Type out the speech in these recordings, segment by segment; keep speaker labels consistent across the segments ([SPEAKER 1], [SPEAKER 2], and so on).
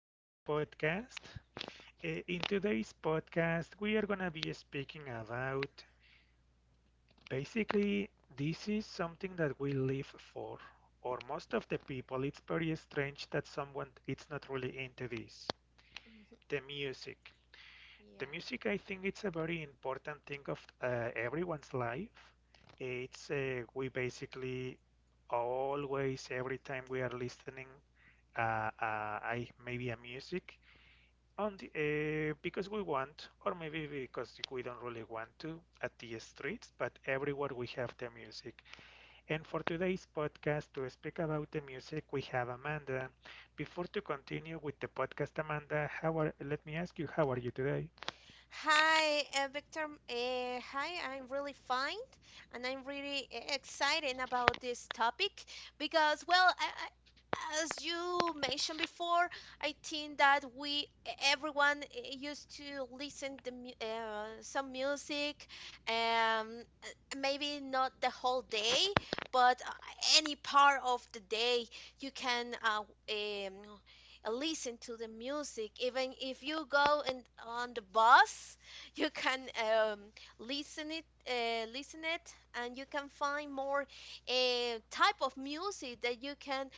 [SPEAKER 1] to a new podcast. In today's podcast, we are going to be speaking about basically this is something that we live for, or most of the people. It's very strange that someone it's not really into this, the music. The
[SPEAKER 2] Yeah.
[SPEAKER 1] music, I think, it's a very important thing of everyone's life. It's we basically always, every time we are listening, uh, I maybe a music on the because we want, or maybe because we don't really want to at the streets, but everywhere we have the music. And for today's podcast, to speak about the music, we have Amanda. Before to continue with the podcast, Amanda, let me ask you, how are you today?
[SPEAKER 2] Hi, Victor. Hi, I'm really fine, and I'm really excited about this topic because, well, I, as you mentioned before, I think that everyone used to listen to some music, um, uh, maybe not the whole day, but any part of the day you can um, listen to the music even if you go and on the bus you can um, listen it listen it, and you can find more type of music that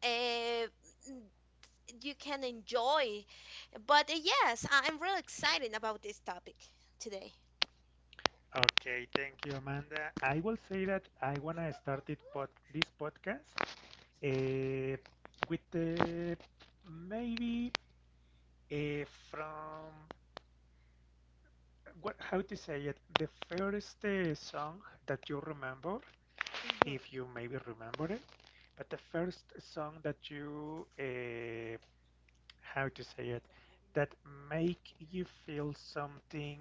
[SPEAKER 2] uh, you can enjoy, but yes, I'm really excited about this topic today.
[SPEAKER 1] Okay, thank you, Amanda. I will say that I wanna start it pod this podcast uh, with the maybe from what how to say it the first song that you remember,
[SPEAKER 2] Hmm.
[SPEAKER 1] if you maybe remember it, but the first song that you how to say it that make you feel something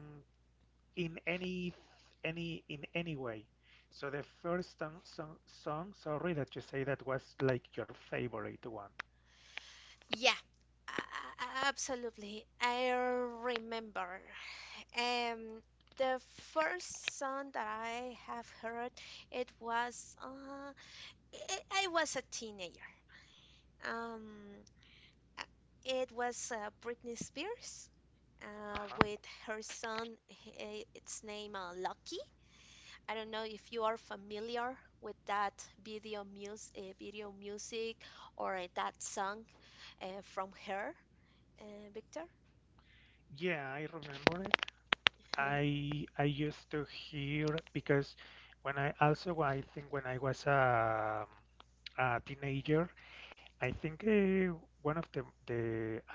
[SPEAKER 1] in any way. So the first song, sorry, that you say that was like your favorite one.
[SPEAKER 2] Yeah. Absolutely. I remember, Um, the first song that I have heard, it was I was a teenager. Um, uh, it was Britney Spears.
[SPEAKER 1] Uh-huh.
[SPEAKER 2] With her son, its name Lucky. I don't know if you are familiar with that video music, or that song from her, uh, Victor.
[SPEAKER 1] Yeah, I remember it. I used to hear because when I also, I think, when I was a teenager, I think one of the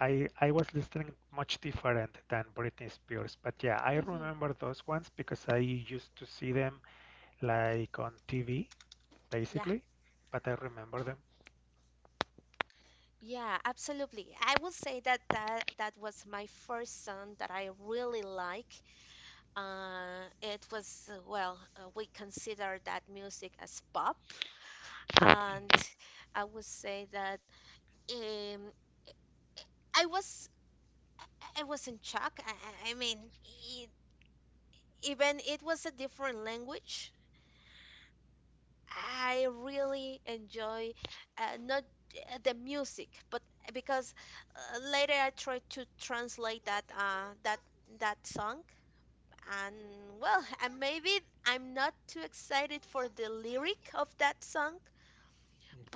[SPEAKER 1] I was listening much different than Britney Spears, but yeah, I
[SPEAKER 2] Hmm.
[SPEAKER 1] remember those ones because I used to see them like on TV.
[SPEAKER 2] Yeah.
[SPEAKER 1] Basically, but I remember them.
[SPEAKER 2] Yeah, absolutely. I will say that that was my first song that I really like. We consider that music as pop, and I would say that um, I was, I was in shock. I mean, it, even it was a different language, I really enjoy not the music, but because later I tried to translate that that song, and well, and maybe I'm not too excited for the lyric of that song,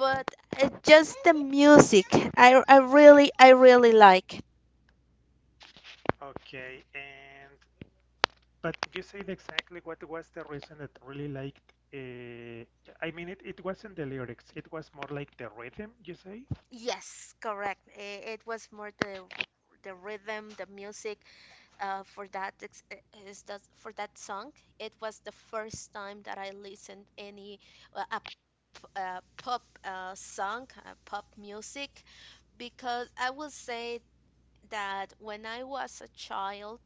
[SPEAKER 1] Okay.
[SPEAKER 2] just the music, I really like.
[SPEAKER 1] Okay. And but you said exactly what was the reason that really liked. I mean, it wasn't the lyrics. It was more like the rhythm, you say.
[SPEAKER 2] Yes, correct. It was more the rhythm, the music, uh, for that ex- uh, is that for that song. It was the first time that I listened any uh, a, a pop song, pop music, because I will say that when I was a child,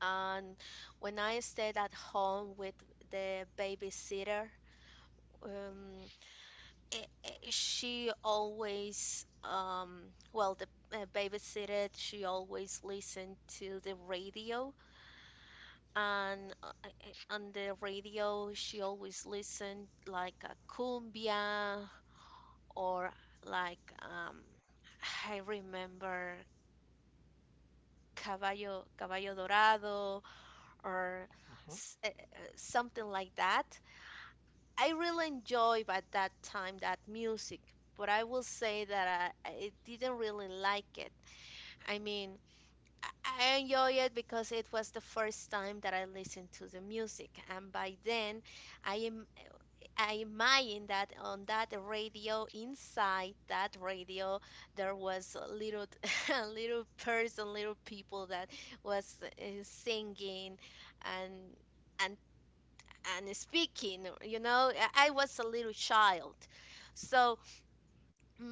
[SPEAKER 2] and when I stayed at home with the babysitter, um, I she always, well the babysitter, she always listened to the radio, and on the radio she always listened like a cumbia, or like, I remember, Caballo Dorado, or
[SPEAKER 1] Mhm.
[SPEAKER 2] something like that. I really enjoyed at that time that music, but I will say that I didn't really like it. I mean, I enjoy it because it was the first time that I listened to the music, and by then I am I imagine that on that radio, inside that radio, there was a little a little person, little people that was singing and and speaking. You know, I was a little child, so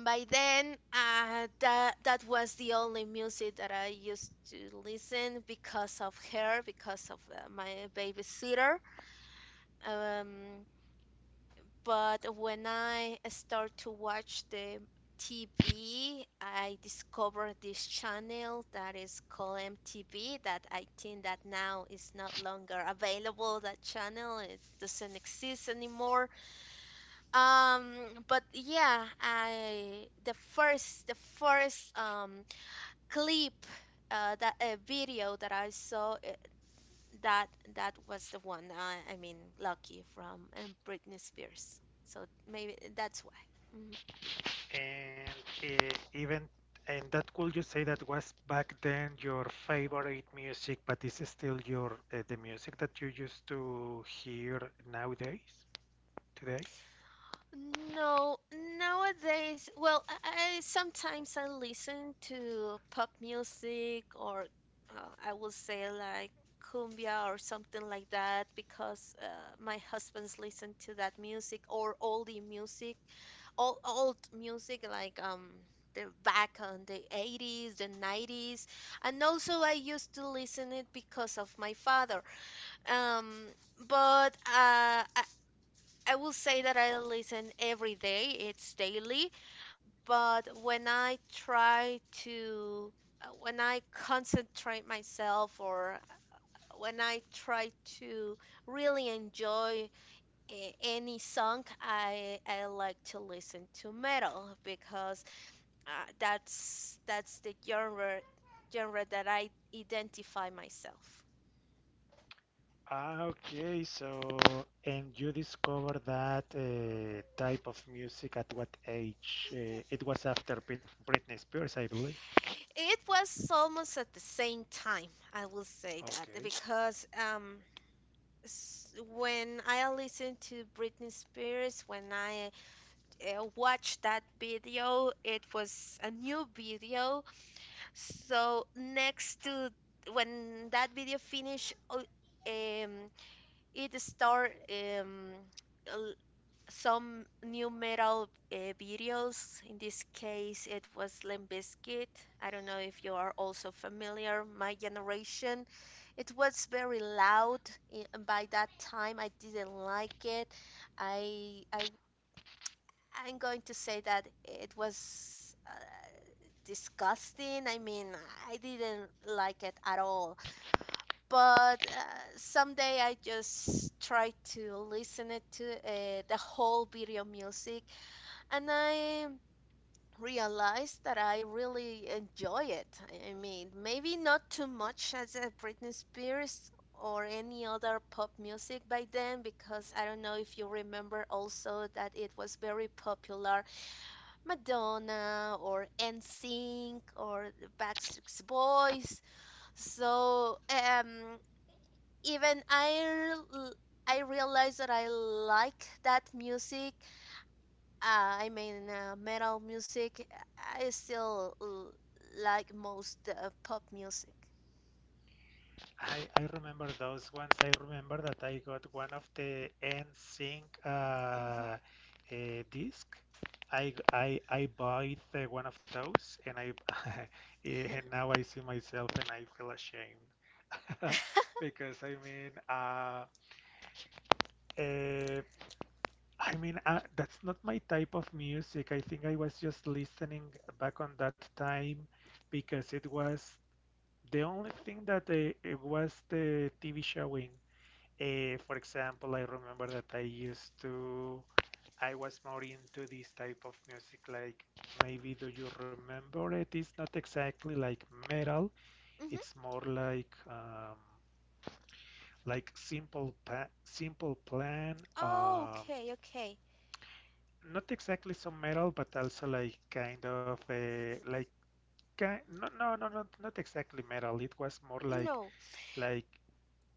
[SPEAKER 2] by then that was the only music that I used to listen because of her, because of my babysitter. Um, But when I start to watch the TV, I discovered this channel that is called MTV, that I think that now is not longer available. That channel it doesn't exist anymore. But yeah, I, the first clip, that a video that I saw, that that was the one. I mean, Lucky from, Britney Spears. So maybe that's why. Mhm.
[SPEAKER 1] And even and that could you say that was back then your favorite music, but is still your the music that you used to hear nowadays today?
[SPEAKER 2] No, nowadays, well, I sometimes I listen to pop music, or I will say like cumbia or something like that, because my husband's listen to that music, or oldie music, old music like, um, the back on the 80s, the 90s. And also, I used to listen it because of my father. um but uh i, I will say that I listen every day, it's daily, but when I try to when I concentrate myself, or when I try to really enjoy any song, i like to listen to metal, because uh, that's the genre that I identify myself.
[SPEAKER 1] Ah, okay. So, and you discovered that type of music at what age? It was after Britney Spears, I believe.
[SPEAKER 2] It was almost at the same time, I will say that,
[SPEAKER 1] Okay.
[SPEAKER 2] because s- when I listened to Britney Spears, when I watched that video, it was a new video. So next to when that video finished, um, it started, um, some new metal videos. In this case, it was Limp Bizkit. I don't know if you are also familiar. My generation, it was very loud. By that time, I didn't like it. I, I I'm going to say that it was disgusting. I mean, I didn't like it at all. But someday I just try to listen it to the whole video music, and I realized that I really enjoy it. I mean, maybe not too much as a Britney Spears, or any other pop music by then, because I don't know if you remember also that it was very popular, Madonna or NSYNC or the Backstreet Boys. So, even I, l- I realized that I like that music, I mean, metal music, I still l- like most pop music.
[SPEAKER 1] I remember those ones. I remember that I got one of the NSYNC
[SPEAKER 2] Hmm.
[SPEAKER 1] disc. I bought one of those and I and now I see myself and I feel ashamed. Because uh, I mean, that's not my type of music. I think I was just listening back on that time because it was the only thing that it was the TV showing. For example, I remember that I used to, I was more into this type of music. Like, maybe do you remember it? It's not exactly like metal.
[SPEAKER 2] Hmm.
[SPEAKER 1] It's more like Simple Plan.
[SPEAKER 2] Oh, okay, okay.
[SPEAKER 1] Not exactly some metal, but also like kind of a like not exactly metal. It was more like
[SPEAKER 2] No,
[SPEAKER 1] like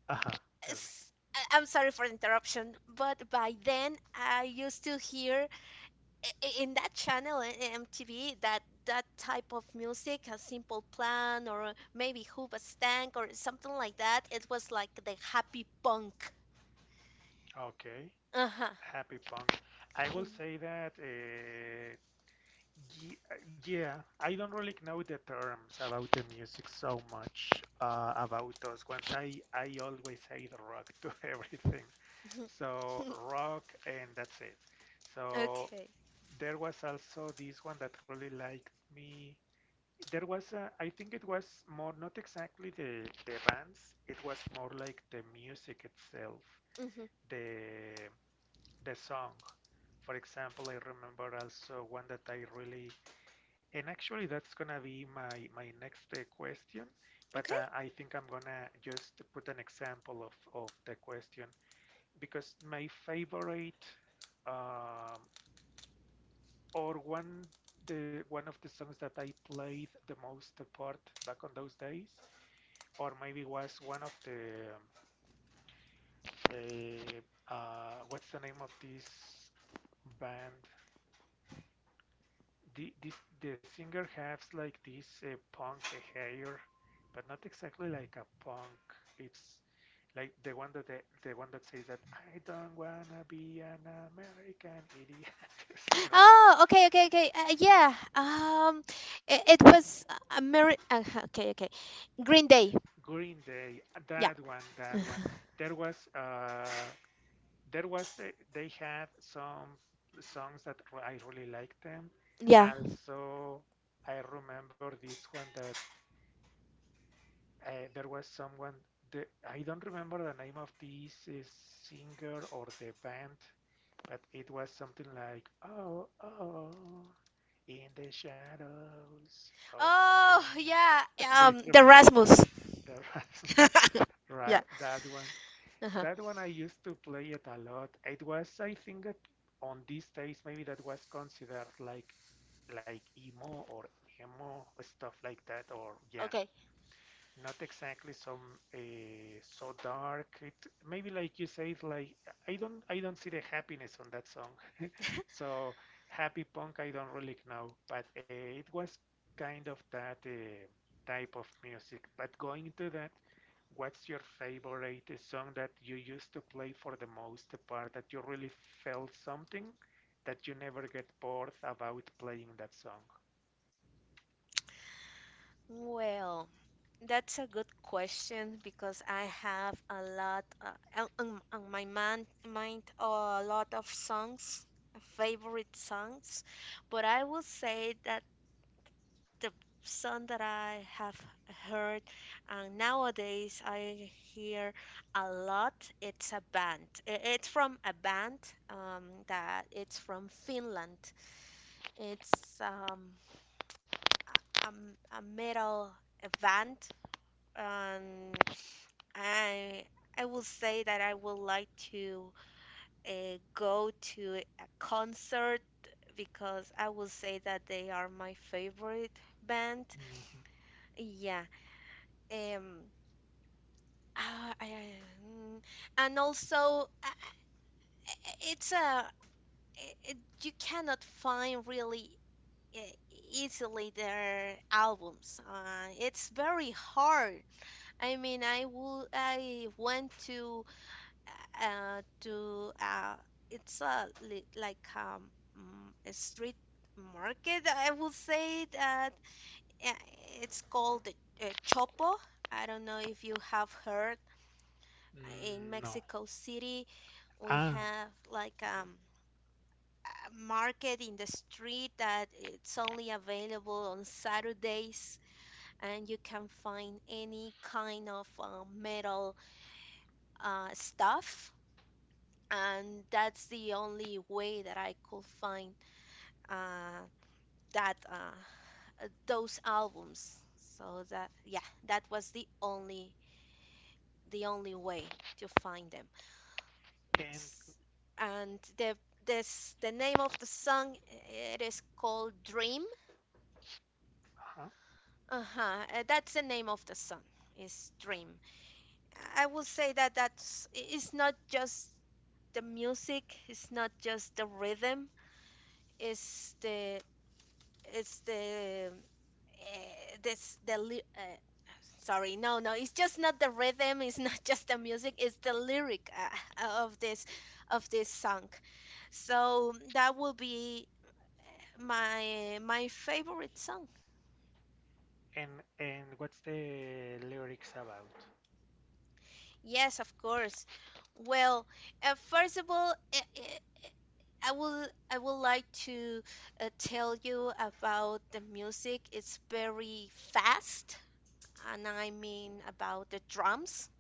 [SPEAKER 1] aha. Tell me.
[SPEAKER 2] it's, I am sorry for the interruption, but by then I used to hear in that channel in MTV, that type of music, a simple plan, or maybe Hoobastank Stank or something like that. It was like the happy punk.
[SPEAKER 1] Okay,
[SPEAKER 2] Uh-huh.
[SPEAKER 1] happy punk. I will say that ye- yeah, I don't really know the terms about the music so much about those ones. I always say the rock to everything.
[SPEAKER 2] Mm-hmm.
[SPEAKER 1] So rock and that's it. So
[SPEAKER 2] Okay.
[SPEAKER 1] there was also this one that really liked me. There was a, I think it was more, not exactly the bands, it was more like the music itself,
[SPEAKER 2] Mm-hmm.
[SPEAKER 1] the the song. For example, I remember also one that I really, and actually that's gonna be my my next question, but
[SPEAKER 2] Okay.
[SPEAKER 1] I think I'm gonna just put an example of the question because my favorite um, or one the one of the songs that I played the most part back on those days, or maybe was one of the what's the name of this band? The this the singer has like this punk hair, but not exactly like a punk. It's like the one that the one that says that I don't wanna be an American idiot, something like
[SPEAKER 2] Oh, okay, okay, okay. Yeah. It was a mirror. Okay, okay. Green Day.
[SPEAKER 1] Green Day,
[SPEAKER 2] Yeah,
[SPEAKER 1] that one, that one. There was uh there was they had some songs that I really liked them.
[SPEAKER 2] yeah.
[SPEAKER 1] Also, I remember this one that there was someone the I don't remember the name of this singer or the band, but it was something like oh oh in the shadows of my
[SPEAKER 2] Oh, yeah.
[SPEAKER 1] life. Do you
[SPEAKER 2] The
[SPEAKER 1] remember
[SPEAKER 2] Rasmus.
[SPEAKER 1] the Rasmus?
[SPEAKER 2] Yeah.
[SPEAKER 1] Right, that one.
[SPEAKER 2] Uh-huh.
[SPEAKER 1] That one I used to play it a lot. It was, I think, that on these days maybe that was considered like emo or emo stuff like that, or yeah,
[SPEAKER 2] Okay.
[SPEAKER 1] not exactly some so dark. It maybe like you said, like I don't see the happiness on that song. So happy punk, I don't really know, but it was kind of that type of music. But going into that, what's your favorite song that you used to play for the most part that you really felt something that you never get bored about playing that song?
[SPEAKER 2] Well, that's a good question because I have a lot mind a lot of songs, favorite songs, but I will say that, the song that I have heard, and nowadays I hear a lot. It's a band. It's from a band, that it's from Finland. It's, a metal band, and I I will say that I would like to go to a concert, because I will say that they are my favorite band.
[SPEAKER 1] Mhm.
[SPEAKER 2] Yeah. Um, Ah, I, I- mm, and also, it's a, it, it- you cannot find really e- easily their albums. It's very hard. I mean, I went to uh uh, to uh it's a li like, a street market, I will say that, uh, it's called the, Chopo. I don't know if you have heard in
[SPEAKER 1] Mm, no.
[SPEAKER 2] Mexico City we
[SPEAKER 1] Ah.
[SPEAKER 2] have like,
[SPEAKER 1] Mhm.
[SPEAKER 2] a market in the street that it's only available on Saturdays, and you can find any kind of metal stuff. And that's the only way that I could find uh, that those albums. So that, yeah, that was the only, the only way to find them.
[SPEAKER 1] And
[SPEAKER 2] S- And the, this, the name of the song, it is called Dream.
[SPEAKER 1] Uh-huh.
[SPEAKER 2] Uh-huh. That's the name of the song, is Dream. I will say that it's not just the music, it's not just the rhythm, it's the, it's the uh, this the ly- uh, sorry, no, no, it's just not the rhythm, it's not just the music, it's the lyric, of this song. So that will be my my favorite song.
[SPEAKER 1] And and what's the lyrics about?
[SPEAKER 2] Yes, of course. Well, first of all, I would like to tell you about the music. It's very fast, and I mean about the drums.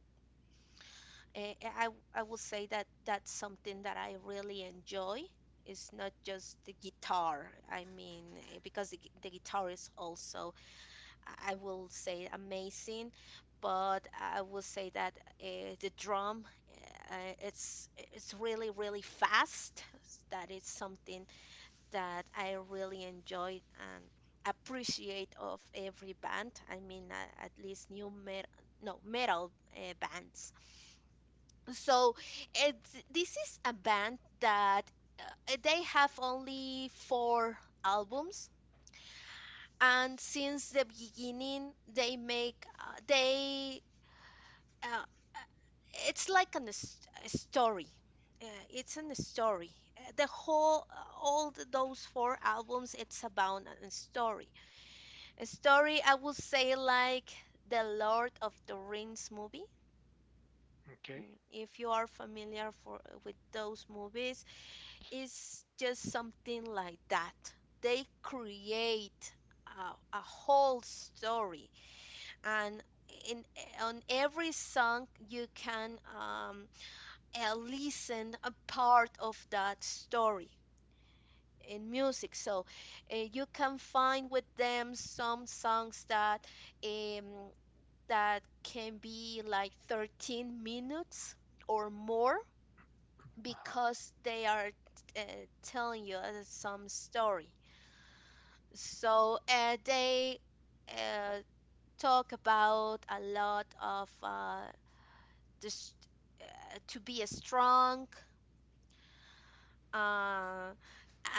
[SPEAKER 2] I will say that that's something that I really enjoy. It's not just the guitar. I mean, the guitar is also, I will say, amazing, but I will say that the drum, it's really really fast. That is something that I really enjoy and appreciate of every band. I mean, at least new metal, no metal bands. So this is a band that they have only four albums, and since the beginning they make they uh, it's like a story, it's an story. The whole, those four albums it's about a story, a story I would say like the Lord of the Rings movie.
[SPEAKER 1] Okay.
[SPEAKER 2] Mm, if you are familiar for, with those movies, it's just something like that. They create a, a whole story, and in on every song you can, listen a part of that story in music, so you can find with them some songs that, um, that can be like 13 minutes or more,
[SPEAKER 1] Uh-huh.
[SPEAKER 2] because they are uh, telling you some story, so they uh, talk about a lot of this, to be a strong uh,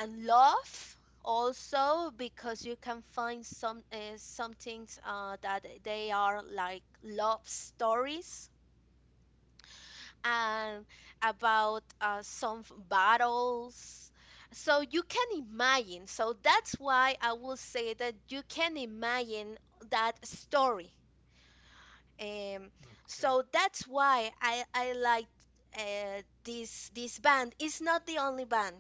[SPEAKER 2] and love, also, because you can find some things that they are like love stories, and about battles, so you can imagine, so that's why I will say that you can imagine that story. Um,
[SPEAKER 1] Okay.
[SPEAKER 2] so that's why I like this band. It's not the only band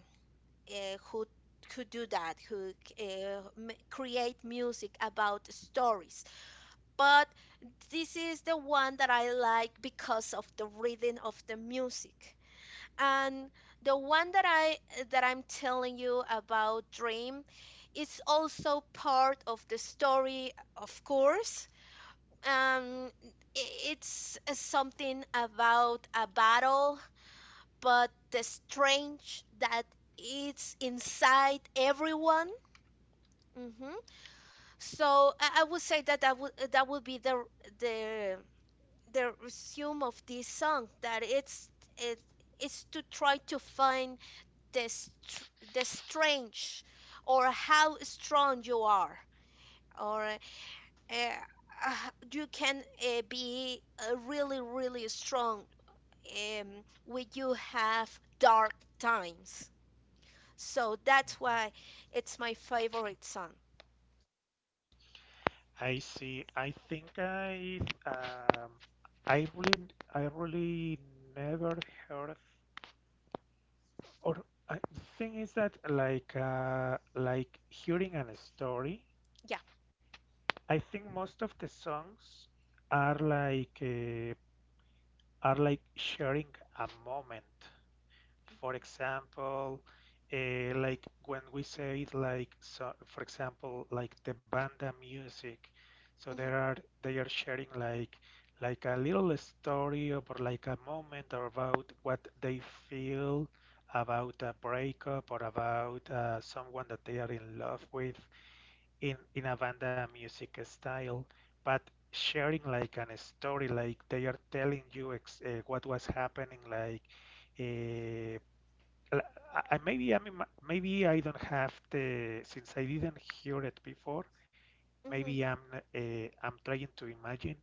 [SPEAKER 2] uh, who who do that, who create music about stories. But this is the one that I like because of the rhythm of the music. And the one that I'm telling you about Dream is also part of the story, of course, I- it's something about a battle, but the strange that it's inside everyone. hmm So I would say that that would be the the resume of this song. That it is to try to find the str the strange, or how strong you are, or uh, you can be really strong when you have dark times. So that's
[SPEAKER 1] Mm-hmm.
[SPEAKER 2] why it's my favorite song.
[SPEAKER 1] I see. I think um I really I really never heard or I, the thing is that like hearing a story,
[SPEAKER 2] Yeah.
[SPEAKER 1] I think most of the songs are like uh, are like sharing a moment. For example, like when we say it like so, for example, like the banda music. So
[SPEAKER 2] hmm
[SPEAKER 1] there are they are sharing like a little story or like a moment or about what they feel about a breakup or about someone that they are in love with in a banda music style, but sharing like an story like they are telling you ex what was happening like. Uh, l- I- maybe I mean maybe I don't have the since I didn't hear it before. Maybe
[SPEAKER 2] hmm
[SPEAKER 1] I'm trying to imagine.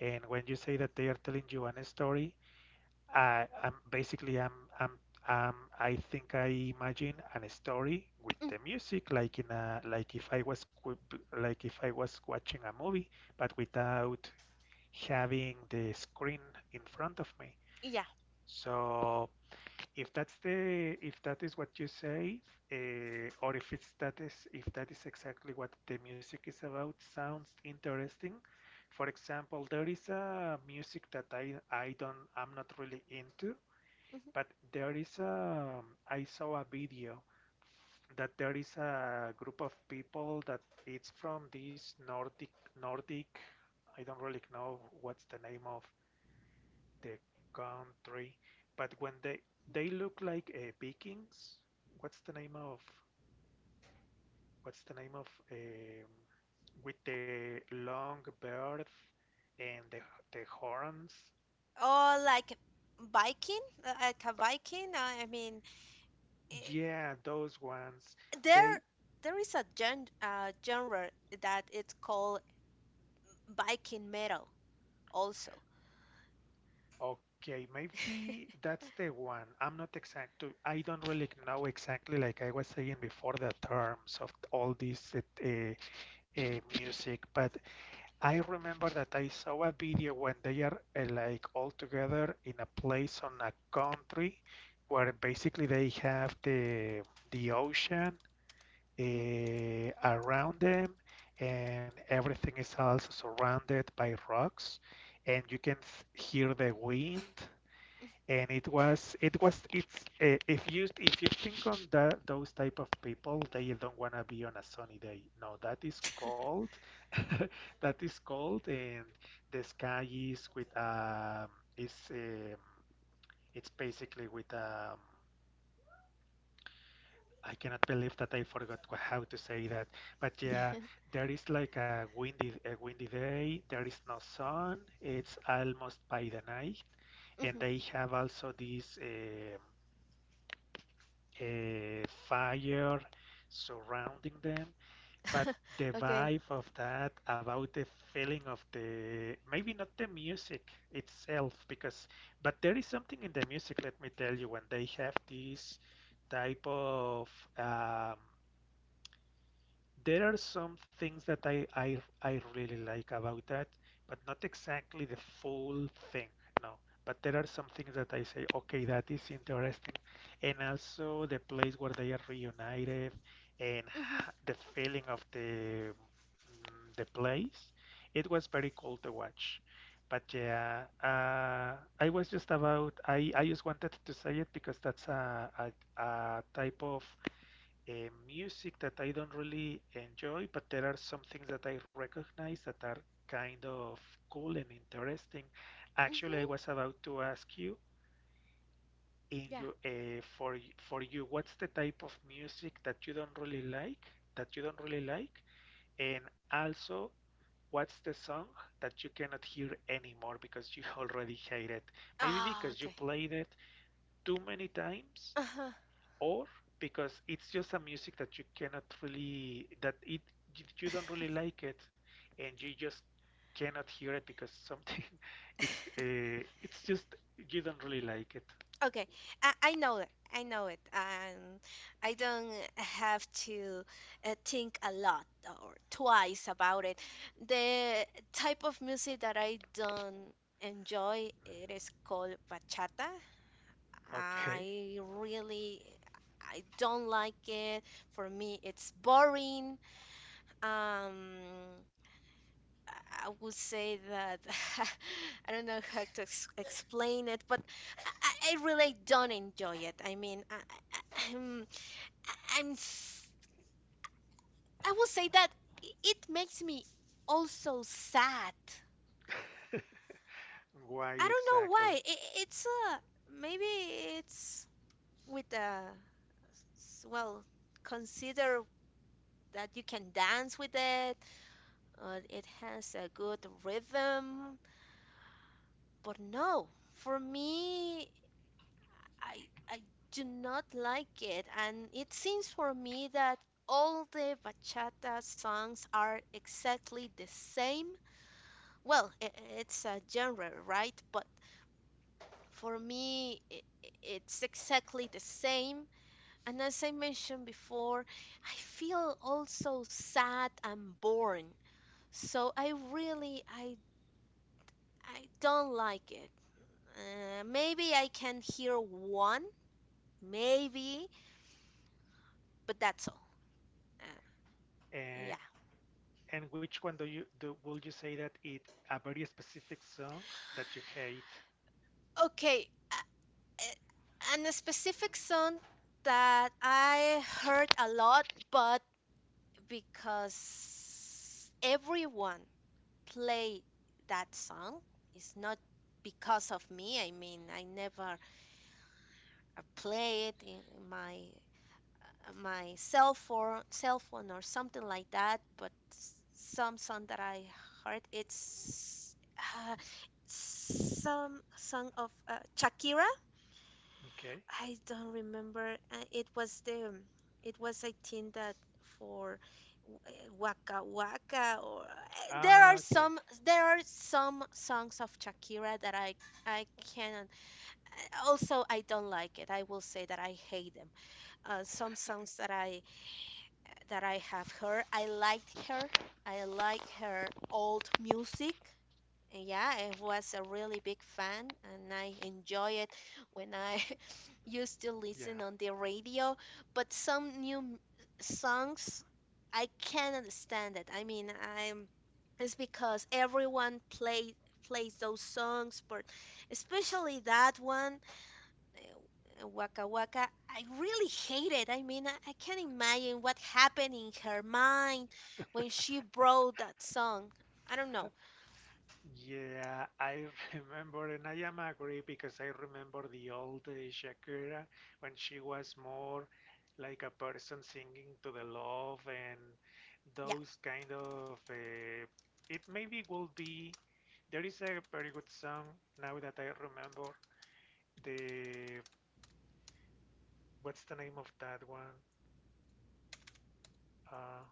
[SPEAKER 1] And when you say that they are telling you an story, I'm basically I think I imagine an story with
[SPEAKER 2] hmm
[SPEAKER 1] the music, like in a like if I was like if I was watching a movie, but without having the screen in front of me.
[SPEAKER 2] Yeah.
[SPEAKER 1] So if that's the if that is what you say, or if it's that is if that is exactly what the music is about, sounds interesting. For example, there is a music that I'm not really into,
[SPEAKER 2] hmm
[SPEAKER 1] but there is a I saw a video that there is a group of people that it's from this Nordic, I don't really know what's the name of the country, but when they look like Vikings. What's the name of what's the name of with the long beard and the horns?
[SPEAKER 2] Or like Viking, like a
[SPEAKER 1] But
[SPEAKER 2] Viking. I mean, eh,
[SPEAKER 1] yeah, those ones. They
[SPEAKER 2] there there is a genre that it's called Viking metal also.
[SPEAKER 1] okay, maybe that's the one. I'm not exact. I don't really know exactly, like I was saying before, the terms of all this music, but I remember that I saw a video when they are like all together in a place on a country where basically they have the ocean
[SPEAKER 2] Mhm.
[SPEAKER 1] around them, and everything is also surrounded by rocks, and you can hear the wind. And it was it's if you think on that those type of people they don't want to be on a sunny day, no, that is cold. That is cold and the sky is with is it's basically with I cannot believe that I forgot how to say that. But yeah, there is like a windy day, there is no sun, it's almost by the night, and
[SPEAKER 2] Mhm.
[SPEAKER 1] they have also this a fire surrounding them, but the
[SPEAKER 2] Okay.
[SPEAKER 1] vibe of that, about the feeling of the maybe not the music itself, because but there is something in the music, let me tell you, when they have this type of um, there are some things that I really like about that, but not exactly the full thing, no. But there are some things that I say, okay, that is interesting. And also the place where they are reunited, and
[SPEAKER 2] Mhm.
[SPEAKER 1] the feeling of the, mm, the place. It was very cool to watch. But yeah, I was just about, I just wanted to say it because that's a type of music that I don't really enjoy, but there are some things that I recognize that are kind of cool and interesting. Actually, I
[SPEAKER 2] Mhm.
[SPEAKER 1] was about to ask you in
[SPEAKER 2] Yeah.
[SPEAKER 1] your for you, what's the type of music that you don't really like, that you don't really like, and also what's the song that you cannot hear anymore because you already hate it? Maybe
[SPEAKER 2] Ah,
[SPEAKER 1] because you
[SPEAKER 2] okay.
[SPEAKER 1] played it too many times
[SPEAKER 2] Uh-huh.
[SPEAKER 1] or because it's just a music that you cannot really that it you don't really like it and you just cannot hear it because something it's uh, it's just you don't really like it.
[SPEAKER 2] Okay, I know it. I know it. I don't have to think a lot or twice about it. The type of music that I don't enjoy, it is called bachata.
[SPEAKER 1] Okay.
[SPEAKER 2] I really, I don't like it. For me, it's boring. Um, I would say that I don't know how to ex explain it, but I really don't enjoy it. I mean, I'm, I'm, s- I will say that it makes me also sad.
[SPEAKER 1] Why
[SPEAKER 2] I don't know
[SPEAKER 1] exactly
[SPEAKER 2] why. It's maybe it's with a well, consider that you can dance with it. It has a good rhythm, but no, for me. I I do not like it, and it seems for me that all the bachata songs are exactly the same. Well, I it's a genre, right? But for me, it's exactly the same. And as I mentioned before, I feel also sad and bored. So I really I don't like it. Maybe I can hear one, maybe, but that's all. Uh,
[SPEAKER 1] uh,
[SPEAKER 2] yeah.
[SPEAKER 1] and which one do you do will you say that it a very specific song that you hate?
[SPEAKER 2] Okay, uh, uh, and a specific song that I heard a lot, but because everyone play that song, it's not because of me. I mean, I never play it in my cell phone or something like that. But some song that I heard, it's uh, some song of Shakira.
[SPEAKER 1] Okay.
[SPEAKER 2] I don't remember. It was I think that for Waka Waka or
[SPEAKER 1] Ah, okay.
[SPEAKER 2] there are some songs of Shakira that I cannot. Also, I don't like it. I will say that I hate them. Some songs that I have heard, I liked her. I like her old music. And yeah, I was a really big fan and I enjoy it when I used to
[SPEAKER 1] Yeah.
[SPEAKER 2] listen on the radio. But some new songs, I can't understand it. I mean, I'm it's because everyone plays those songs, but especially that one, Waka Waka, I really hate it. I mean, I can't imagine what happened in her mind when she wrote that song. I don't know.
[SPEAKER 1] Yeah, I remember, and I am agree because I remember the old Shakira when she was more like a person singing to the love and
[SPEAKER 2] Yeah.
[SPEAKER 1] those kind of. It maybe will be. There is a very good song now that I remember. The What's the name of that one? Uh,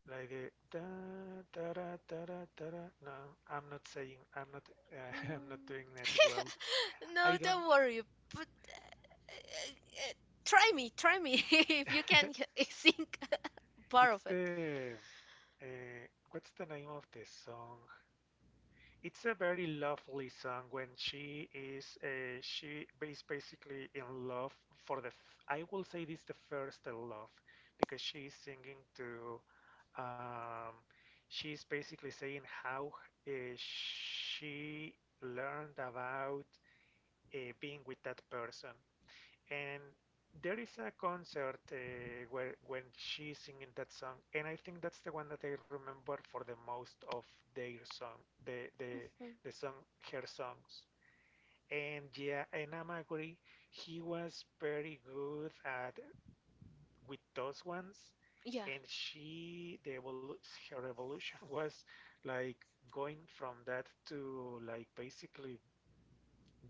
[SPEAKER 1] like the da da da da da da. Da. No, I'm not saying. I'm not. I'm not
[SPEAKER 2] Mm.
[SPEAKER 1] doing that well. I
[SPEAKER 2] No,
[SPEAKER 1] don't.
[SPEAKER 2] don't worry. But uh, uh, try me, if you can sing part
[SPEAKER 1] It's
[SPEAKER 2] of it.
[SPEAKER 1] the what's the name of the song? It's a very lovely song when she is basically in love for the f I will say this the first love because she is singing to um, she's basically saying how uh, she learned about being with that person and there is a concert where when she's singing that song, and I think that's the one that I remember for the most of their song, the the
[SPEAKER 2] hmm
[SPEAKER 1] the song her songs. And yeah, and I'm agree, he was very good at with those ones,
[SPEAKER 2] Yeah.
[SPEAKER 1] and she the evolu her evolution was like going from that to like basically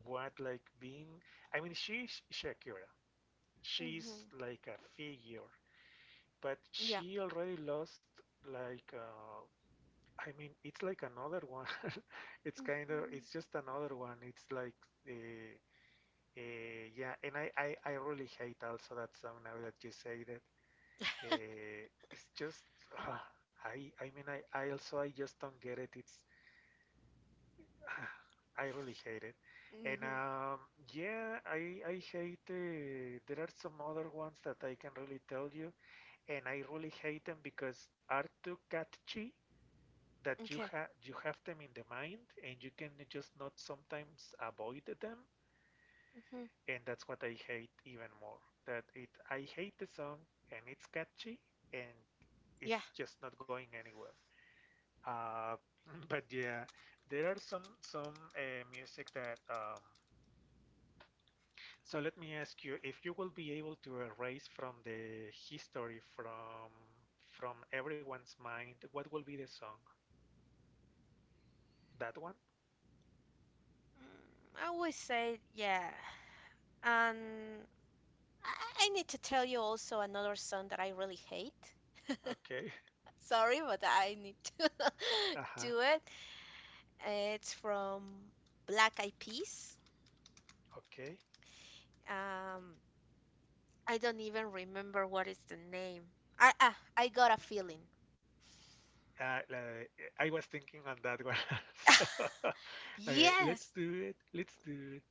[SPEAKER 1] what like being. I mean, she's Shakira,
[SPEAKER 2] hmm
[SPEAKER 1] she's like a figure, but
[SPEAKER 2] Yeah.
[SPEAKER 1] she already lost like I mean it's like another one. It's
[SPEAKER 2] hmm
[SPEAKER 1] just another one. It's like uh, yeah, and I really hate also that song now that you say that. It's just uh, I mean, I also I just don't get it. It's I really hate it. And
[SPEAKER 2] hmm
[SPEAKER 1] yeah, I hate. There are some other ones that I can really tell you. And I really hate them because are too catchy that
[SPEAKER 2] Okay.
[SPEAKER 1] you have them in the mind and you can just not sometimes avoid them,
[SPEAKER 2] hmm
[SPEAKER 1] and that's what I hate even more, that it I hate the song and it's catchy and
[SPEAKER 2] Yeah.
[SPEAKER 1] it's just not going anywhere. uh, but yeah, there are some music that so let me ask you if you will be able to erase from the history, from everyone's mind, what will be the song? That one?
[SPEAKER 2] Mm, I always say yeah. And I, I need to tell you also another song that I really hate.
[SPEAKER 1] Okay.
[SPEAKER 2] Sorry, but I need to
[SPEAKER 1] Uh-huh.
[SPEAKER 2] do it. It's from Black Eyed Peas.
[SPEAKER 1] Okay.
[SPEAKER 2] Um, I don't even remember what is the name. I got a feeling.
[SPEAKER 1] Like, I was thinking on that one. So, okay, let's
[SPEAKER 2] Yes,
[SPEAKER 1] do it. Let's do it.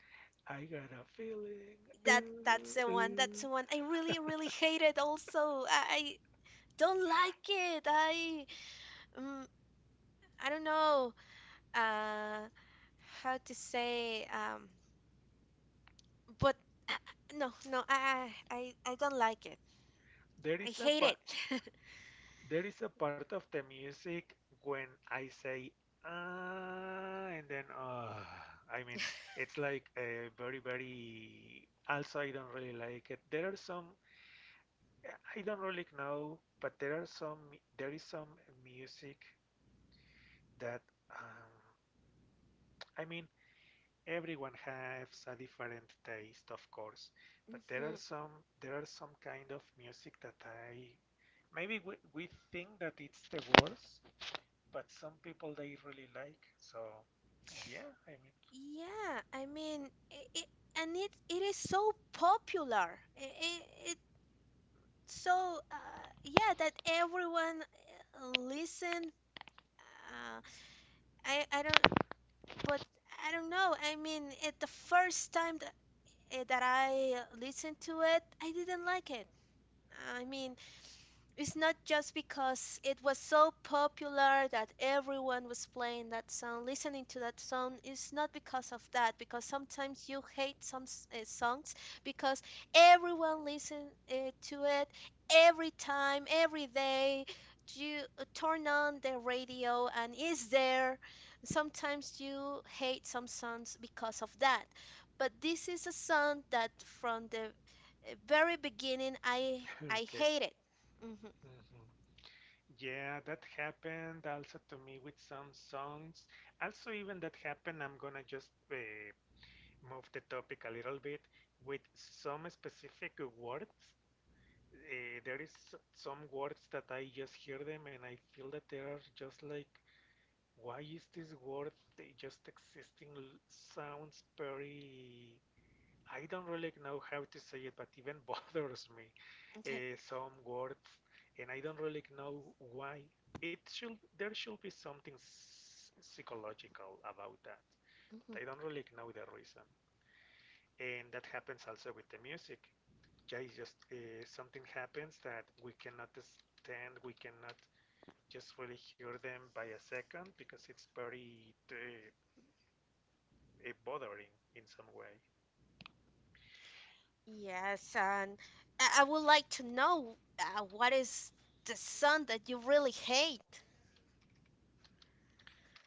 [SPEAKER 1] I got a feeling.
[SPEAKER 2] that's
[SPEAKER 1] Ooh,
[SPEAKER 2] the one. That's
[SPEAKER 1] ooh.
[SPEAKER 2] the one. I really hate it. Also, I don't like it. Um, I don't know uh how to say but no, I don't like it.
[SPEAKER 1] There
[SPEAKER 2] I
[SPEAKER 1] is a
[SPEAKER 2] hate
[SPEAKER 1] part.
[SPEAKER 2] it.
[SPEAKER 1] There is a part of the music when I say ah, and then ah. I mean, it's like a very, very. Also, I don't really like it. There are some. I don't really know, but there are some. There is some music that um, I mean everyone has a different taste, of course, but there
[SPEAKER 2] hmm
[SPEAKER 1] are some kind of music that I maybe we think that it's the worst, but some people they really like. So yeah, I mean.
[SPEAKER 2] Yeah, I mean it is so popular. It, so yeah that everyone listen uh, I don't but I don't know. I mean, at the first time that, that I listened to it I didn't like it. I mean, it's not just because it was so popular that everyone was playing that song, listening to that song. It's not because of that, because sometimes you hate some songs because everyone listen to it every time, every day. You turn on the radio and it's there. Sometimes you hate some songs because of that. But this is a song that from the very beginning I I
[SPEAKER 1] Okay.
[SPEAKER 2] hated.
[SPEAKER 1] Hmm. Yeah, that happened also to me with some songs. Also, even that happened, I'm gonna just move the topic a little bit with some specific words. There is some words that I just hear them and I feel that they are just like, why is this word? They just existing sounds very. I don't really know how to say it, but even bothers me.
[SPEAKER 2] Okay.
[SPEAKER 1] Some words, and I don't really know why. It should There should be something s psychological about that, but I
[SPEAKER 2] hmm
[SPEAKER 1] don't really know the reason, and that happens also with the music. Yeah, it's just something happens that we cannot stand, we cannot just really hear them by a second because it's very bothering in some way.
[SPEAKER 2] Yes, and I would like to know what is the son that you really hate?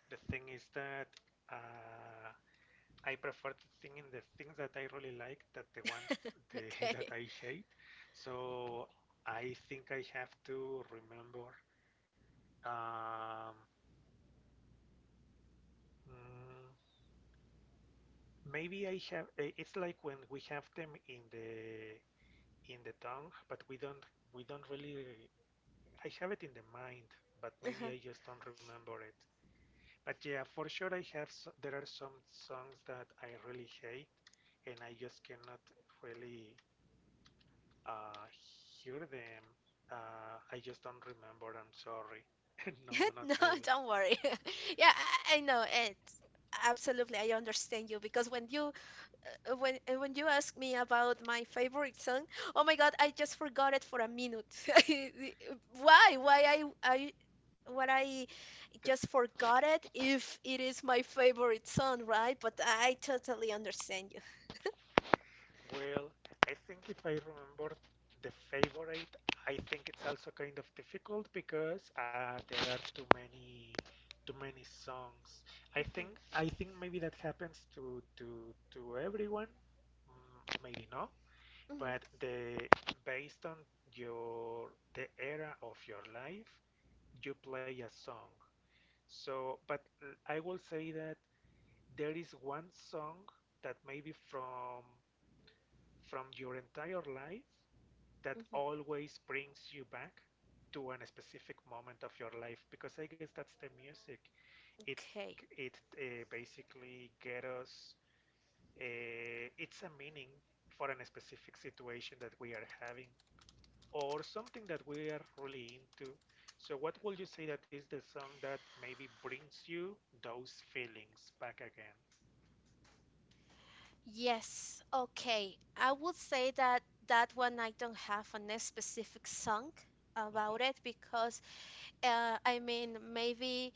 [SPEAKER 1] The thing is that uh, I prefer to think in the things that I really like that the ones the, that
[SPEAKER 2] Okay.
[SPEAKER 1] I hate. So I think I have to remember um, mm, maybe I have. It's like when we have them in the tongue, but we don't really. I have it in the mind, but maybe
[SPEAKER 2] Uh-huh.
[SPEAKER 1] I just don't remember it. But yeah, for sure I have. There are some songs that I really hate, and I just cannot really uh, hear them. I just don't remember. I'm sorry. No, not
[SPEAKER 2] No,
[SPEAKER 1] really.
[SPEAKER 2] don't worry. Yeah, I know it. Absolutely, I understand you because when you when you ask me about my favorite song, oh my God, I just forgot it for a minute. Why? Why I
[SPEAKER 1] The
[SPEAKER 2] just forgot it if it is my favorite song, right? But I totally understand.
[SPEAKER 1] Well, I think if I remember the favorite, I think it's also kind of difficult because there are too many songs. I think
[SPEAKER 2] Mhm,
[SPEAKER 1] I think maybe that happens to everyone. Mm, maybe not,
[SPEAKER 2] mhm,
[SPEAKER 1] but the based on your the era of your life, you play a song. So, but I will say that there is one song that maybe from your entire life that
[SPEAKER 2] mhm.
[SPEAKER 1] always brings you back to a specific moment of your life because I guess that's the music. It
[SPEAKER 2] Okay.
[SPEAKER 1] it basically get us. It's a meaning for a specific situation that we are having or something that we are really into. So what would you say that is the song that maybe brings you those feelings back again?
[SPEAKER 2] Yes. Okay. I would say that that one I don't have a specific song about it
[SPEAKER 1] Mm-hmm.
[SPEAKER 2] because I mean maybe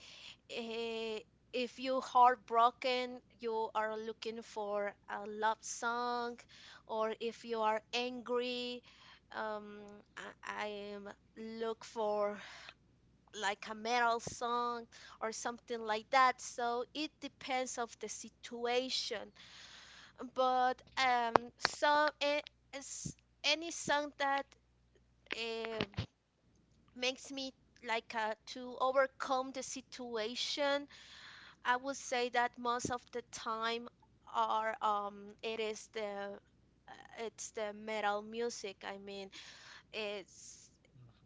[SPEAKER 2] uh, if you heartbroken you are looking for a love song, or if you are angry um I am look for like a metal song or something like that. So it depends of the situation. But some as- any song that um makes me like to overcome the situation, I would say that most of the time are it is the it's the metal music. I mean, it's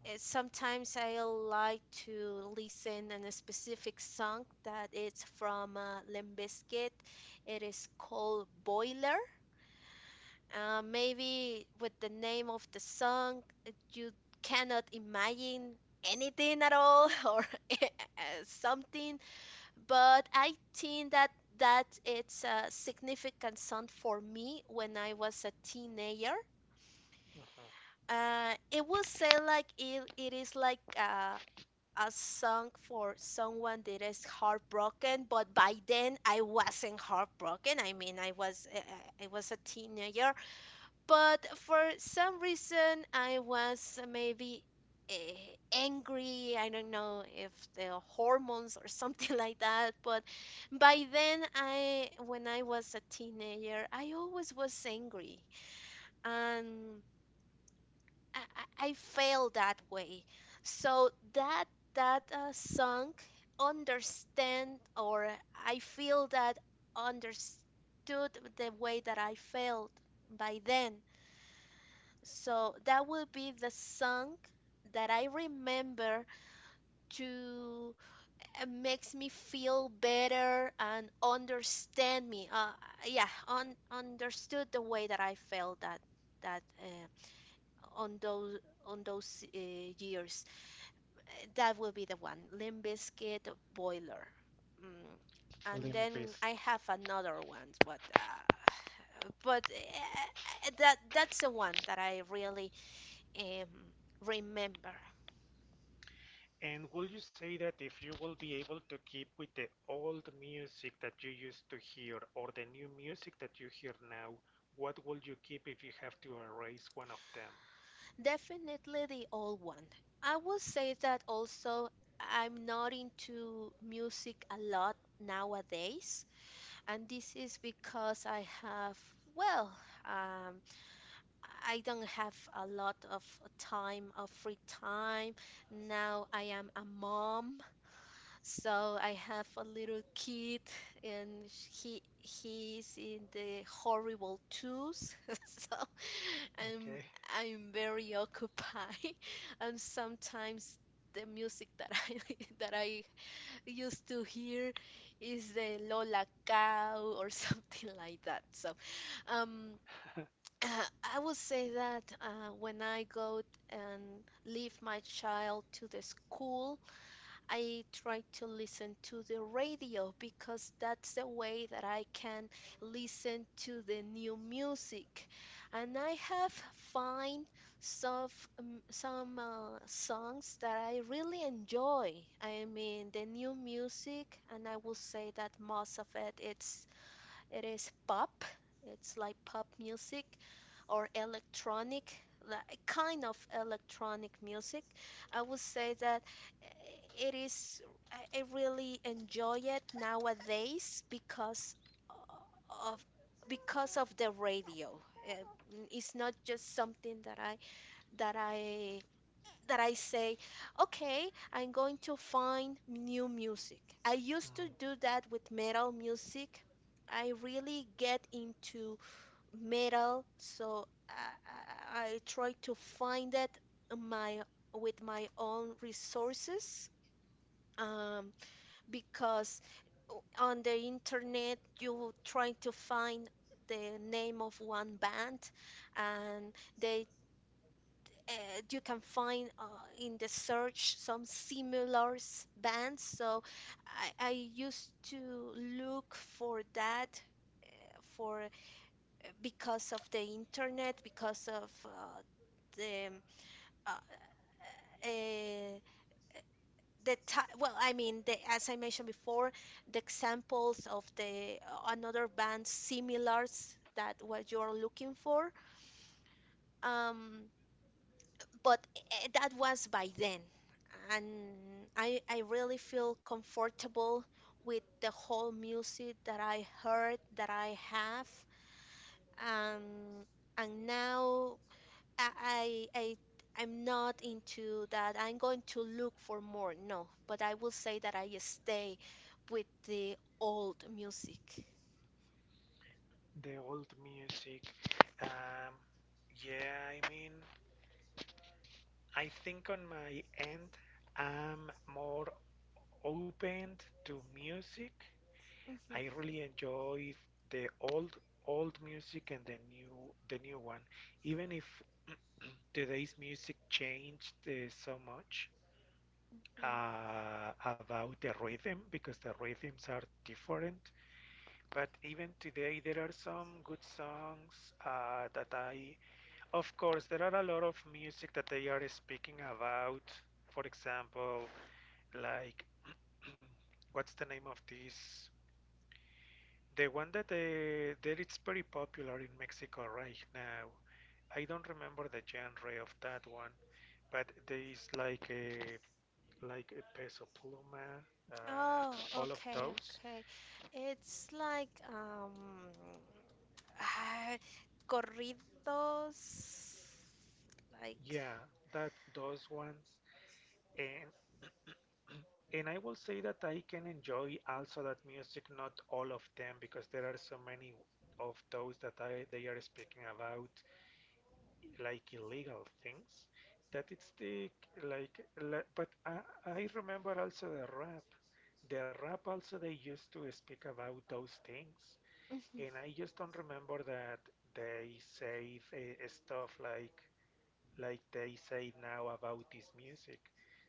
[SPEAKER 2] uh, sometimes I like to listen on a specific song that it's from Limp Bizkit. It is called Boiler. Maybe with the name of the song, you cannot imagine anything at all or something, but I think that that it's a significant song for me when I was a teenager.
[SPEAKER 1] Mm-hmm.
[SPEAKER 2] It will say like it is like a song for someone that is heartbroken, but by then I wasn't heartbroken. I mean, I was a teenager, but for some reason I was maybe angry. I don't know if the hormones or something like that, but by then I when I was a teenager I always was angry, and I, I feel that way. So that song understand, or I feel that understood the way that I felt by then. So that will be the song that I remember to makes me feel better and understand me. Yeah, un understood the way that I felt that that uh, on those on those years. That will be the one, Limp Bizkit Boiler. Mm.
[SPEAKER 1] Mm-hmm.
[SPEAKER 2] And
[SPEAKER 1] Limp
[SPEAKER 2] then I
[SPEAKER 1] Bizkit.
[SPEAKER 2] have another one, but that that's the one that I really um, remember.
[SPEAKER 1] And will you say that if you will be able to keep with the old music that you used to hear or the new music that you hear now, what will you keep if you have to erase one of them?
[SPEAKER 2] Definitely the old one. I will say that also I'm not into music a lot nowadays, and this is because I have, well, um, I don't have a lot of time of free time. Now I am a mom, so I have a little kid and he's in the horrible twos. So I'm
[SPEAKER 1] Okay.
[SPEAKER 2] I'm very occupied and sometimes the music that I that I used to hear is the Lola Cow or something like that. So um uh, I would say that when I go and leave my child to the school, I try to listen to the radio because that's the way that I can listen to the new music. And I have find some some songs that I really enjoy. I mean, the new music, and I will say that most of it it's it is pop. It's like pop music or electronic, like kind of electronic music. I would say that eh, it is, I really enjoy it nowadays of because of the radio. Uh, It's not just something that that I I say, okay, I'm going to find new music. I used to
[SPEAKER 1] Mm,
[SPEAKER 2] do that with metal music. I really get into metal, so I try to find it my with my own resources um, because on the internet you try to find the name of one band and they you can find in the search some similar bands. So I used to look for that for because of the internet, because of the uh, uh, the ti well, I mean, the, as I mentioned before, the examples of the another band similars that what you are looking for. Um, but that was by then and I really feel comfortable with the whole music that I heard that I have um, and now I, I I- I'm not into that I'm going to look for more no but I will say that I stay with the old music.
[SPEAKER 1] the old music. Um, yeah, I mean, I think on my end, I'm more open to music.
[SPEAKER 2] Mhm,
[SPEAKER 1] I really enjoy the old old music and the new one. Even if today's music changed so much
[SPEAKER 2] mhm.
[SPEAKER 1] about the rhythm because the rhythms are different. But even today, there are some good songs that I, of course, there are a lot of music that they are speaking about. For example, like what's the name of this? The one that that it's very popular in Mexico right now. I don't remember the genre of that one, but there is like a peso pluma,
[SPEAKER 2] Oh,
[SPEAKER 1] all of
[SPEAKER 2] okay,
[SPEAKER 1] those.
[SPEAKER 2] okay. It's like ah, corridos like.
[SPEAKER 1] Yeah, that those ones, and and I will say that I can enjoy also that music, not all of them, because there are so many of those that I they are speaking about. Like illegal things that it's the like but I remember also the rap, the rap also they used to speak about those things,
[SPEAKER 2] Mhm,
[SPEAKER 1] and I just don't remember that they say stuff like they say now about this music,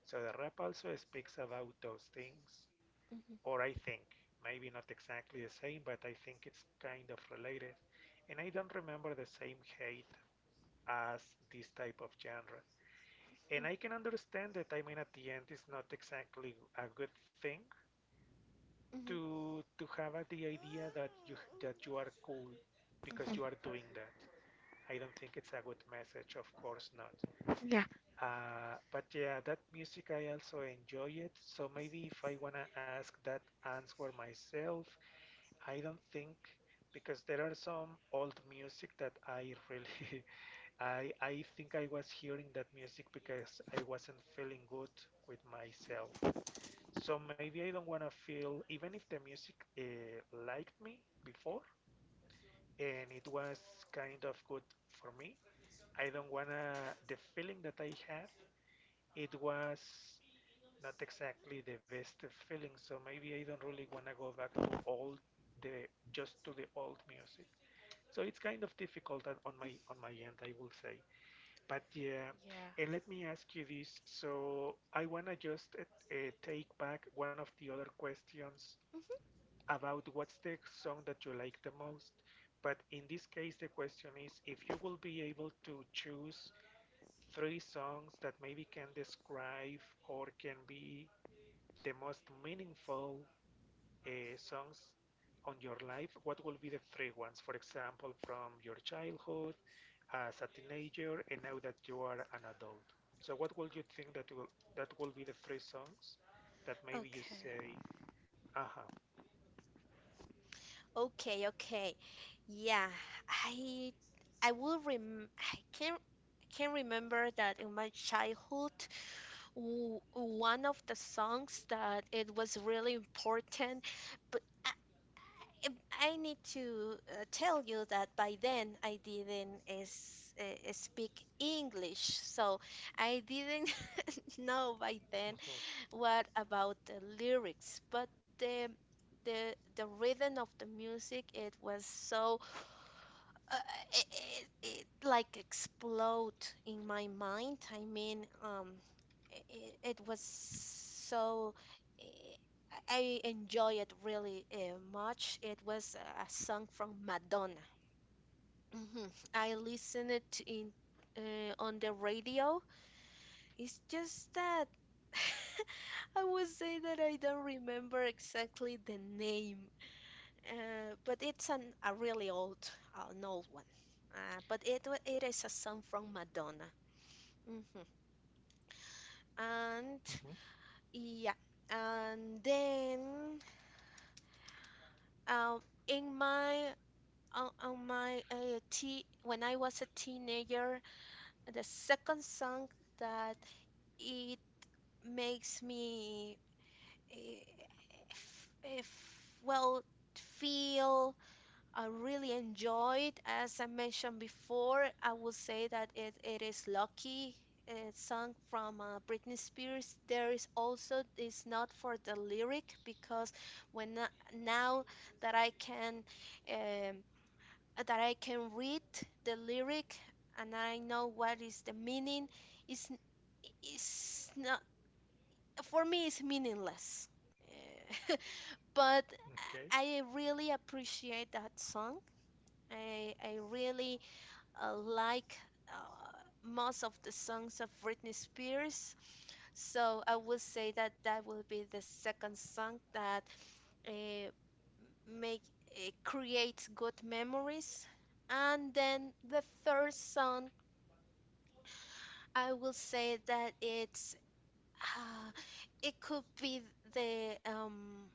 [SPEAKER 1] so the rap also speaks about those things,
[SPEAKER 2] mhm,
[SPEAKER 1] or I think maybe not exactly the same, but I think it's kind of related, and I don't remember the same hate as this type of genre.
[SPEAKER 2] mhm,
[SPEAKER 1] And I can understand that. I mean at the end it's not exactly a good thing
[SPEAKER 2] mhm, mhm.
[SPEAKER 1] to have the idea that you are cool because you are doing that. I don't think it's a good message, of course not.
[SPEAKER 2] Yeah.
[SPEAKER 1] But yeah, that music I also enjoy it. So maybe if I wanna ask that answer myself, I don't think because there are some old music that I really I think I was hearing that music because I wasn't feeling good with myself. So maybe I don't want to feel, even if the music uh, liked me before and it was kind of good for me, I don't want to, the feeling that I had, it was not exactly the best feeling. So maybe I don't really want to go back to old, the just to the old music. So it's kind of difficult on my end, I will say. But yeah,
[SPEAKER 2] Yeah.
[SPEAKER 1] and let me ask you this. So I wanna just take back one of the other questions
[SPEAKER 2] Mhm.
[SPEAKER 1] about what's the song that you like the most. But in this case, the question is if you will be able to choose 3 songs that maybe can describe or can be the most meaningful songs on your life, what will be the 3 ones? For example, from your childhood, as a teenager, and now that you are an adult. So, what would you think that will be the 3 songs that maybe you
[SPEAKER 2] Okay.
[SPEAKER 1] say, "Aha,
[SPEAKER 2] Okay, okay. Yeah, I I will rem I can remember that in my childhood, w one of the songs that it was really important, but I I need to tell you that by then I didn't is, speak English, so I didn't know by then
[SPEAKER 1] uh-huh,
[SPEAKER 2] what about the lyrics but the the rhythm of the music it was so uh, it like explode in my mind. I mean, it was so eh, I enjoy it really much. It was a song from Madonna. Hmm. I listened it in on the radio. It's just that I would say that I don't remember exactly the name, but it's an, a really old, an old one. But it it is a song from Madonna. Hmm. And
[SPEAKER 1] mhm,
[SPEAKER 2] yeah, and then um, in my on my te when I was a teenager, the second song that it makes me if well feel really enjoyed as I mentioned before. I would say that it is lucky. It's sung from Britney Spears. There is also it's not for the lyric because now that I can um, that I can read the lyric and I know what is the meaning, it's n- it's not for me. It's meaningless. Eh, but
[SPEAKER 1] mhm, okay,
[SPEAKER 2] I really appreciate that song. I really like most of the songs of Britney Spears. So I would say that that will be the second song that uh, make create good memories. And then the third song, I will say that it's uh, it could be the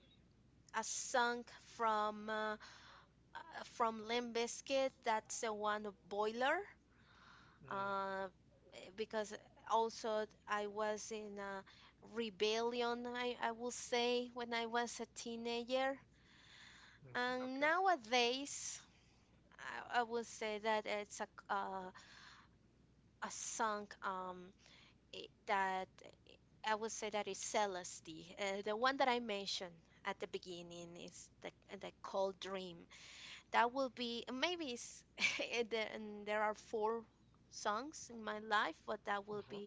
[SPEAKER 2] a song from from Limp Bizkit, that's the one Boiler,
[SPEAKER 1] mm,
[SPEAKER 2] uh, because also I was in a rebellion, I will say, when I was a teenager.
[SPEAKER 1] mm,
[SPEAKER 2] And
[SPEAKER 1] okay,
[SPEAKER 2] nowadays, I would say that it's a song that I would say that is Celeste, the one that I mentioned at the beginning is the Cold Dream. That will be maybe it's, and there are four songs in my life, but that will
[SPEAKER 1] mhm,
[SPEAKER 2] be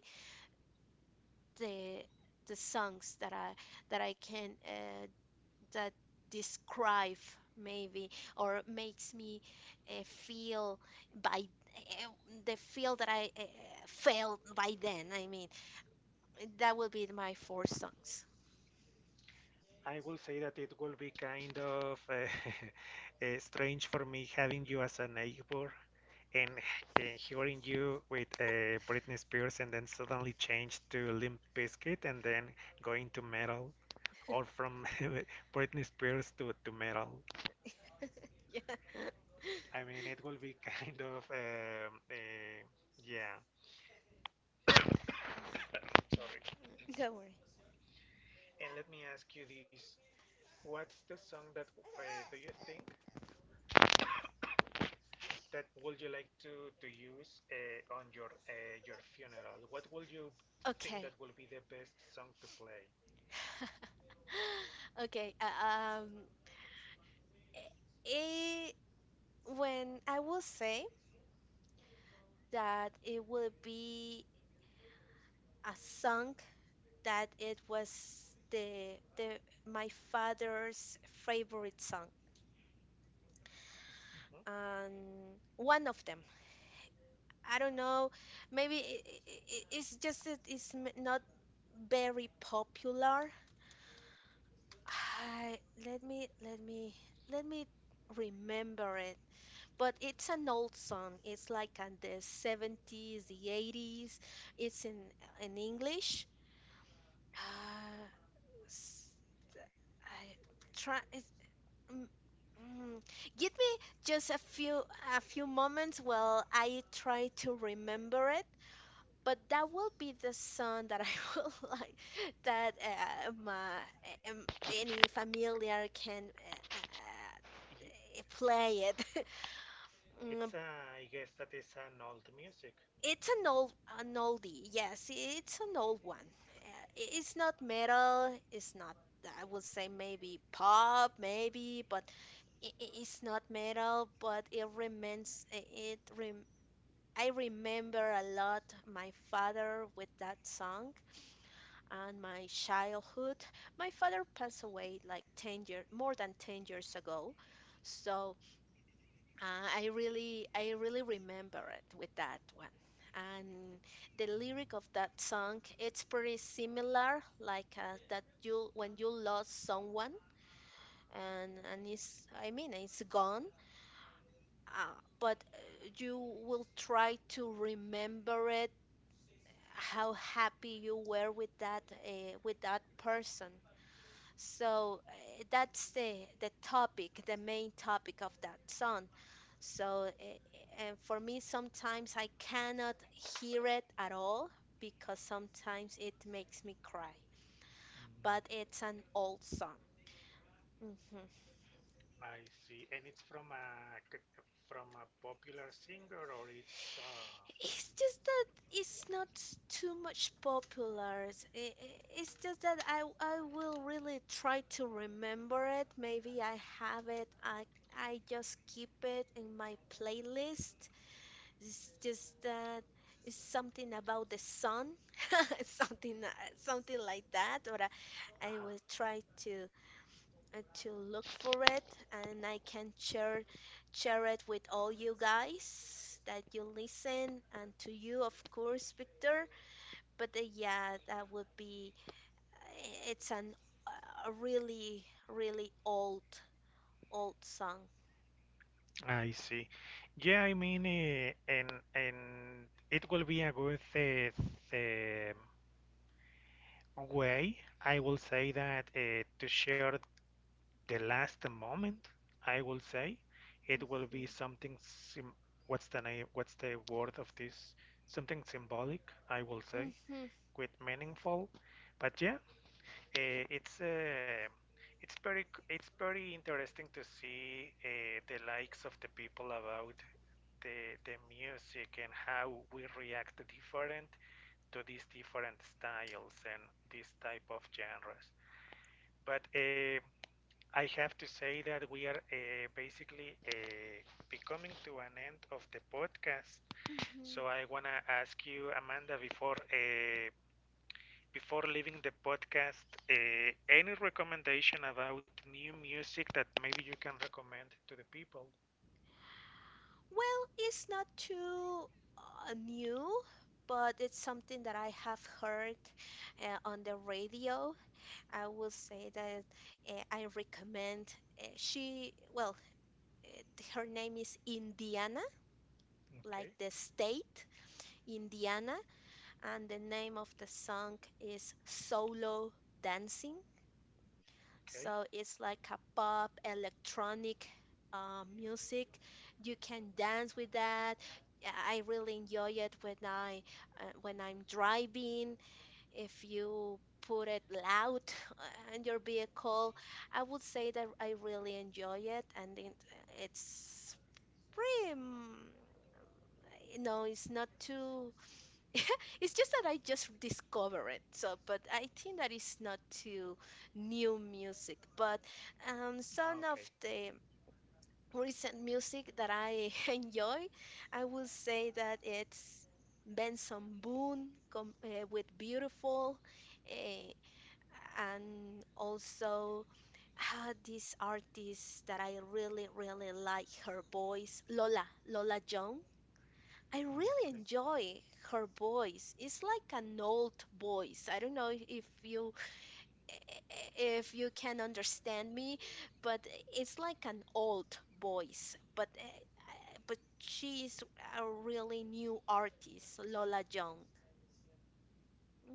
[SPEAKER 2] the the songs that I can that describe maybe or makes me feel by uh, the feel that I felt by then. I mean, that will be my four songs.
[SPEAKER 1] I will say that it will be kind of strange for me having you as a neighbor and hearing you with Britney Spears and then suddenly change to Limp Bizkit and then going to metal or from Britney Spears to metal.
[SPEAKER 2] Yeah,
[SPEAKER 1] I mean, it will be kind of, yeah, sorry.
[SPEAKER 2] don't worry.
[SPEAKER 1] And let me ask you this. What's the song that uh, do you think that would you like to use on your funeral? What would you think
[SPEAKER 2] Okay.
[SPEAKER 1] that will be the best song to play?
[SPEAKER 2] Okay, um, it, when I will say that it will be a song that it was the my father's favorite song
[SPEAKER 1] Mhm.
[SPEAKER 2] and one of them. I don't know, maybe it's just that it's not very popular. I, Let me let me remember it. But it's an old song. It's like in the 70s, the 80s. It's in English. Uh, s- I try. It's, mm, mm. Give me just a few moments while I try to remember it. But that will be the song that I will like that my um, any familiar can play it. Mm.
[SPEAKER 1] It's a, I guess that is an old music.
[SPEAKER 2] It's an old an oldie, yes, it's an old one. It's not metal, it's not, I would say maybe pop, maybe, but it's not metal, but it remains, I- it rem I remember a lot my father with that song and my childhood. My father passed away like 10 years, more than 10 years ago, so I really remember it with that one. And the lyric of that song, it's pretty similar, like that you when you lost someone and it's, I mean, it's gone. But you will try to remember it, how happy you were with that person. So that's the topic, the main topic of that song. So, and for me, sometimes I cannot hear it at all because sometimes it makes me cry.
[SPEAKER 1] Mm,
[SPEAKER 2] But it's an old song. Hmm.
[SPEAKER 1] I see, and it's from a popular singer, or it's.
[SPEAKER 2] It's just that it's not too much popular. It's it's just that I will really try to remember it. Maybe I have it. I just keep it in my playlist. It's just that it's something about the sun, something something like that. Or I will
[SPEAKER 1] Uh-huh.
[SPEAKER 2] try to look for it, and I can share share it with all you guys that you listen, and to you, of course, Victor. But yeah, that would be it's an a really really old old song.
[SPEAKER 1] I see. Yeah, I mean, and it will be a good eh, way, I will say that, to share the last moment, I will say, it will be
[SPEAKER 2] Mhm.
[SPEAKER 1] something sim what's the name, what's the word of this? Something symbolic, I will say,
[SPEAKER 2] Mm-hmm.
[SPEAKER 1] quite meaningful. But yeah, uh, it's uh, it's very it's very interesting to see the likes of the people about the music and how we react different to these different styles and this type of genres. But I have to say that we are basically becoming to an end of the podcast.
[SPEAKER 2] Hmm.
[SPEAKER 1] So I wanna ask you, Amanda, before before leaving the podcast, any recommendation about new music that maybe you can recommend to the people?
[SPEAKER 2] Well, it's not too new, but it's something that I have heard on the radio. I will say that I recommend. She, well, uh, her name is Indiana, like
[SPEAKER 1] Okay,
[SPEAKER 2] the state, Indiana, and the name of the song is Solo Dancing.
[SPEAKER 1] okay,
[SPEAKER 2] So it's like a pop electronic music. You can dance with that. Yeah, I really enjoy it when I when I'm driving. If you put it loud in your vehicle, I would say that I really enjoy it, and it, it's pretty. Mm. You know, it's not too it's just that I just discover it. So, but I think that it's not too new music. But some
[SPEAKER 1] ah,
[SPEAKER 2] of
[SPEAKER 1] okay,
[SPEAKER 2] the recent music that I enjoy, I will say that it's Benson Boone com with Beautiful, uh, and also this artist that I really, really like her voice, Lola Jones. I really
[SPEAKER 1] okay.
[SPEAKER 2] enjoy her voice. It's like an old voice. I don't know if you can understand me, but it's like an old voice. But but she is a really new artist, Lola Young.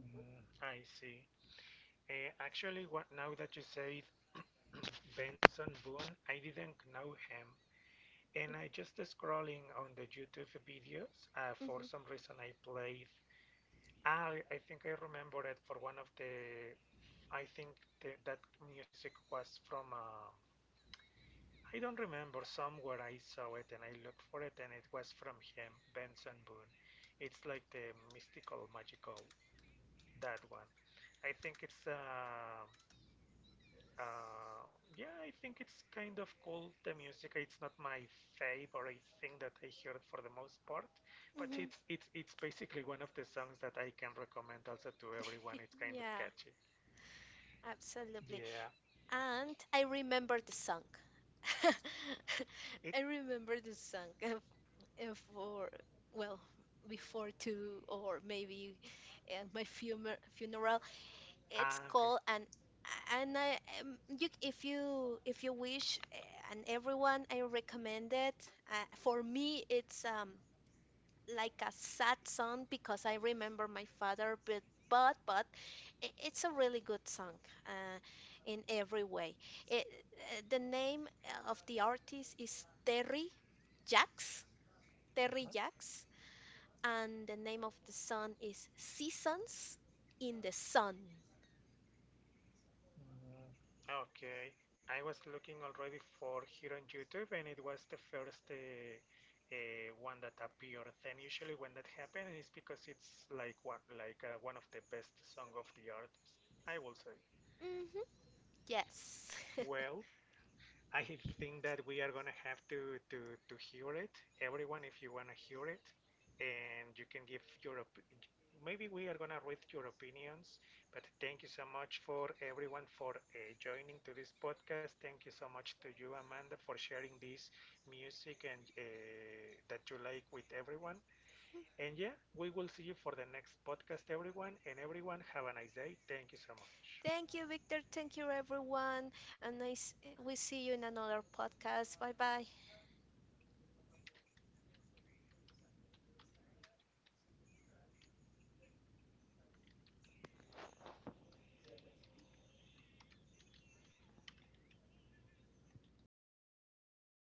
[SPEAKER 1] Mm, I see. Actually, what now that you say Benson Boone, I didn't know him, and I just scrolling on the YouTube videos.
[SPEAKER 2] Mhm,
[SPEAKER 1] For some reason, I played. I think I remember it for one of the. I think the, that music was from. I don't remember somewhere I saw it and I looked for it and it was from him, Benson Boone. It's like the mystical, magical that one. I think it's uh, yeah, I think it's kind of cool, the music. It's not my favorite thing that I hear for the most part, but
[SPEAKER 2] mhm.
[SPEAKER 1] it's basically one of the songs that I can recommend also to everyone. It's kind of
[SPEAKER 2] Yeah,
[SPEAKER 1] catchy.
[SPEAKER 2] absolutely.
[SPEAKER 1] Yeah.
[SPEAKER 2] And I remember the song. I
[SPEAKER 1] It
[SPEAKER 2] remember the song. Uh, for well before two or maybe my fumer funeral it's
[SPEAKER 1] ah
[SPEAKER 2] called
[SPEAKER 1] okay.
[SPEAKER 2] an. And I you if you if you wish and everyone I recommend it. Uh, for me it's like a sad song because I remember my father, but but but it's a really good song uh, in every way. It, the name of the artist is Terry Jacks. Terry
[SPEAKER 1] Mhm.
[SPEAKER 2] Jacks. And the name of the sun is Seasons in the Sun.
[SPEAKER 1] Mm, okay. I was looking already for here on YouTube and it was the first one that appeared. Then usually when that happens, it's because it's like one of the best song of the artist. I will say.
[SPEAKER 2] Hmm. Yes.
[SPEAKER 1] Well, I think that we are gonna have to hear it, everyone. If you wanna hear it, and you can give your maybe we are gonna read your opinions. But thank you so much for everyone for joining to this podcast. Thank you so much to you, Amanda, for sharing this music and that you like with everyone. And yeah, we will see you for the next podcast, everyone. And everyone, have a nice day. Thank you so much.
[SPEAKER 2] Thank you, Victor. Thank you, everyone. And we see you in another podcast. Bye bye.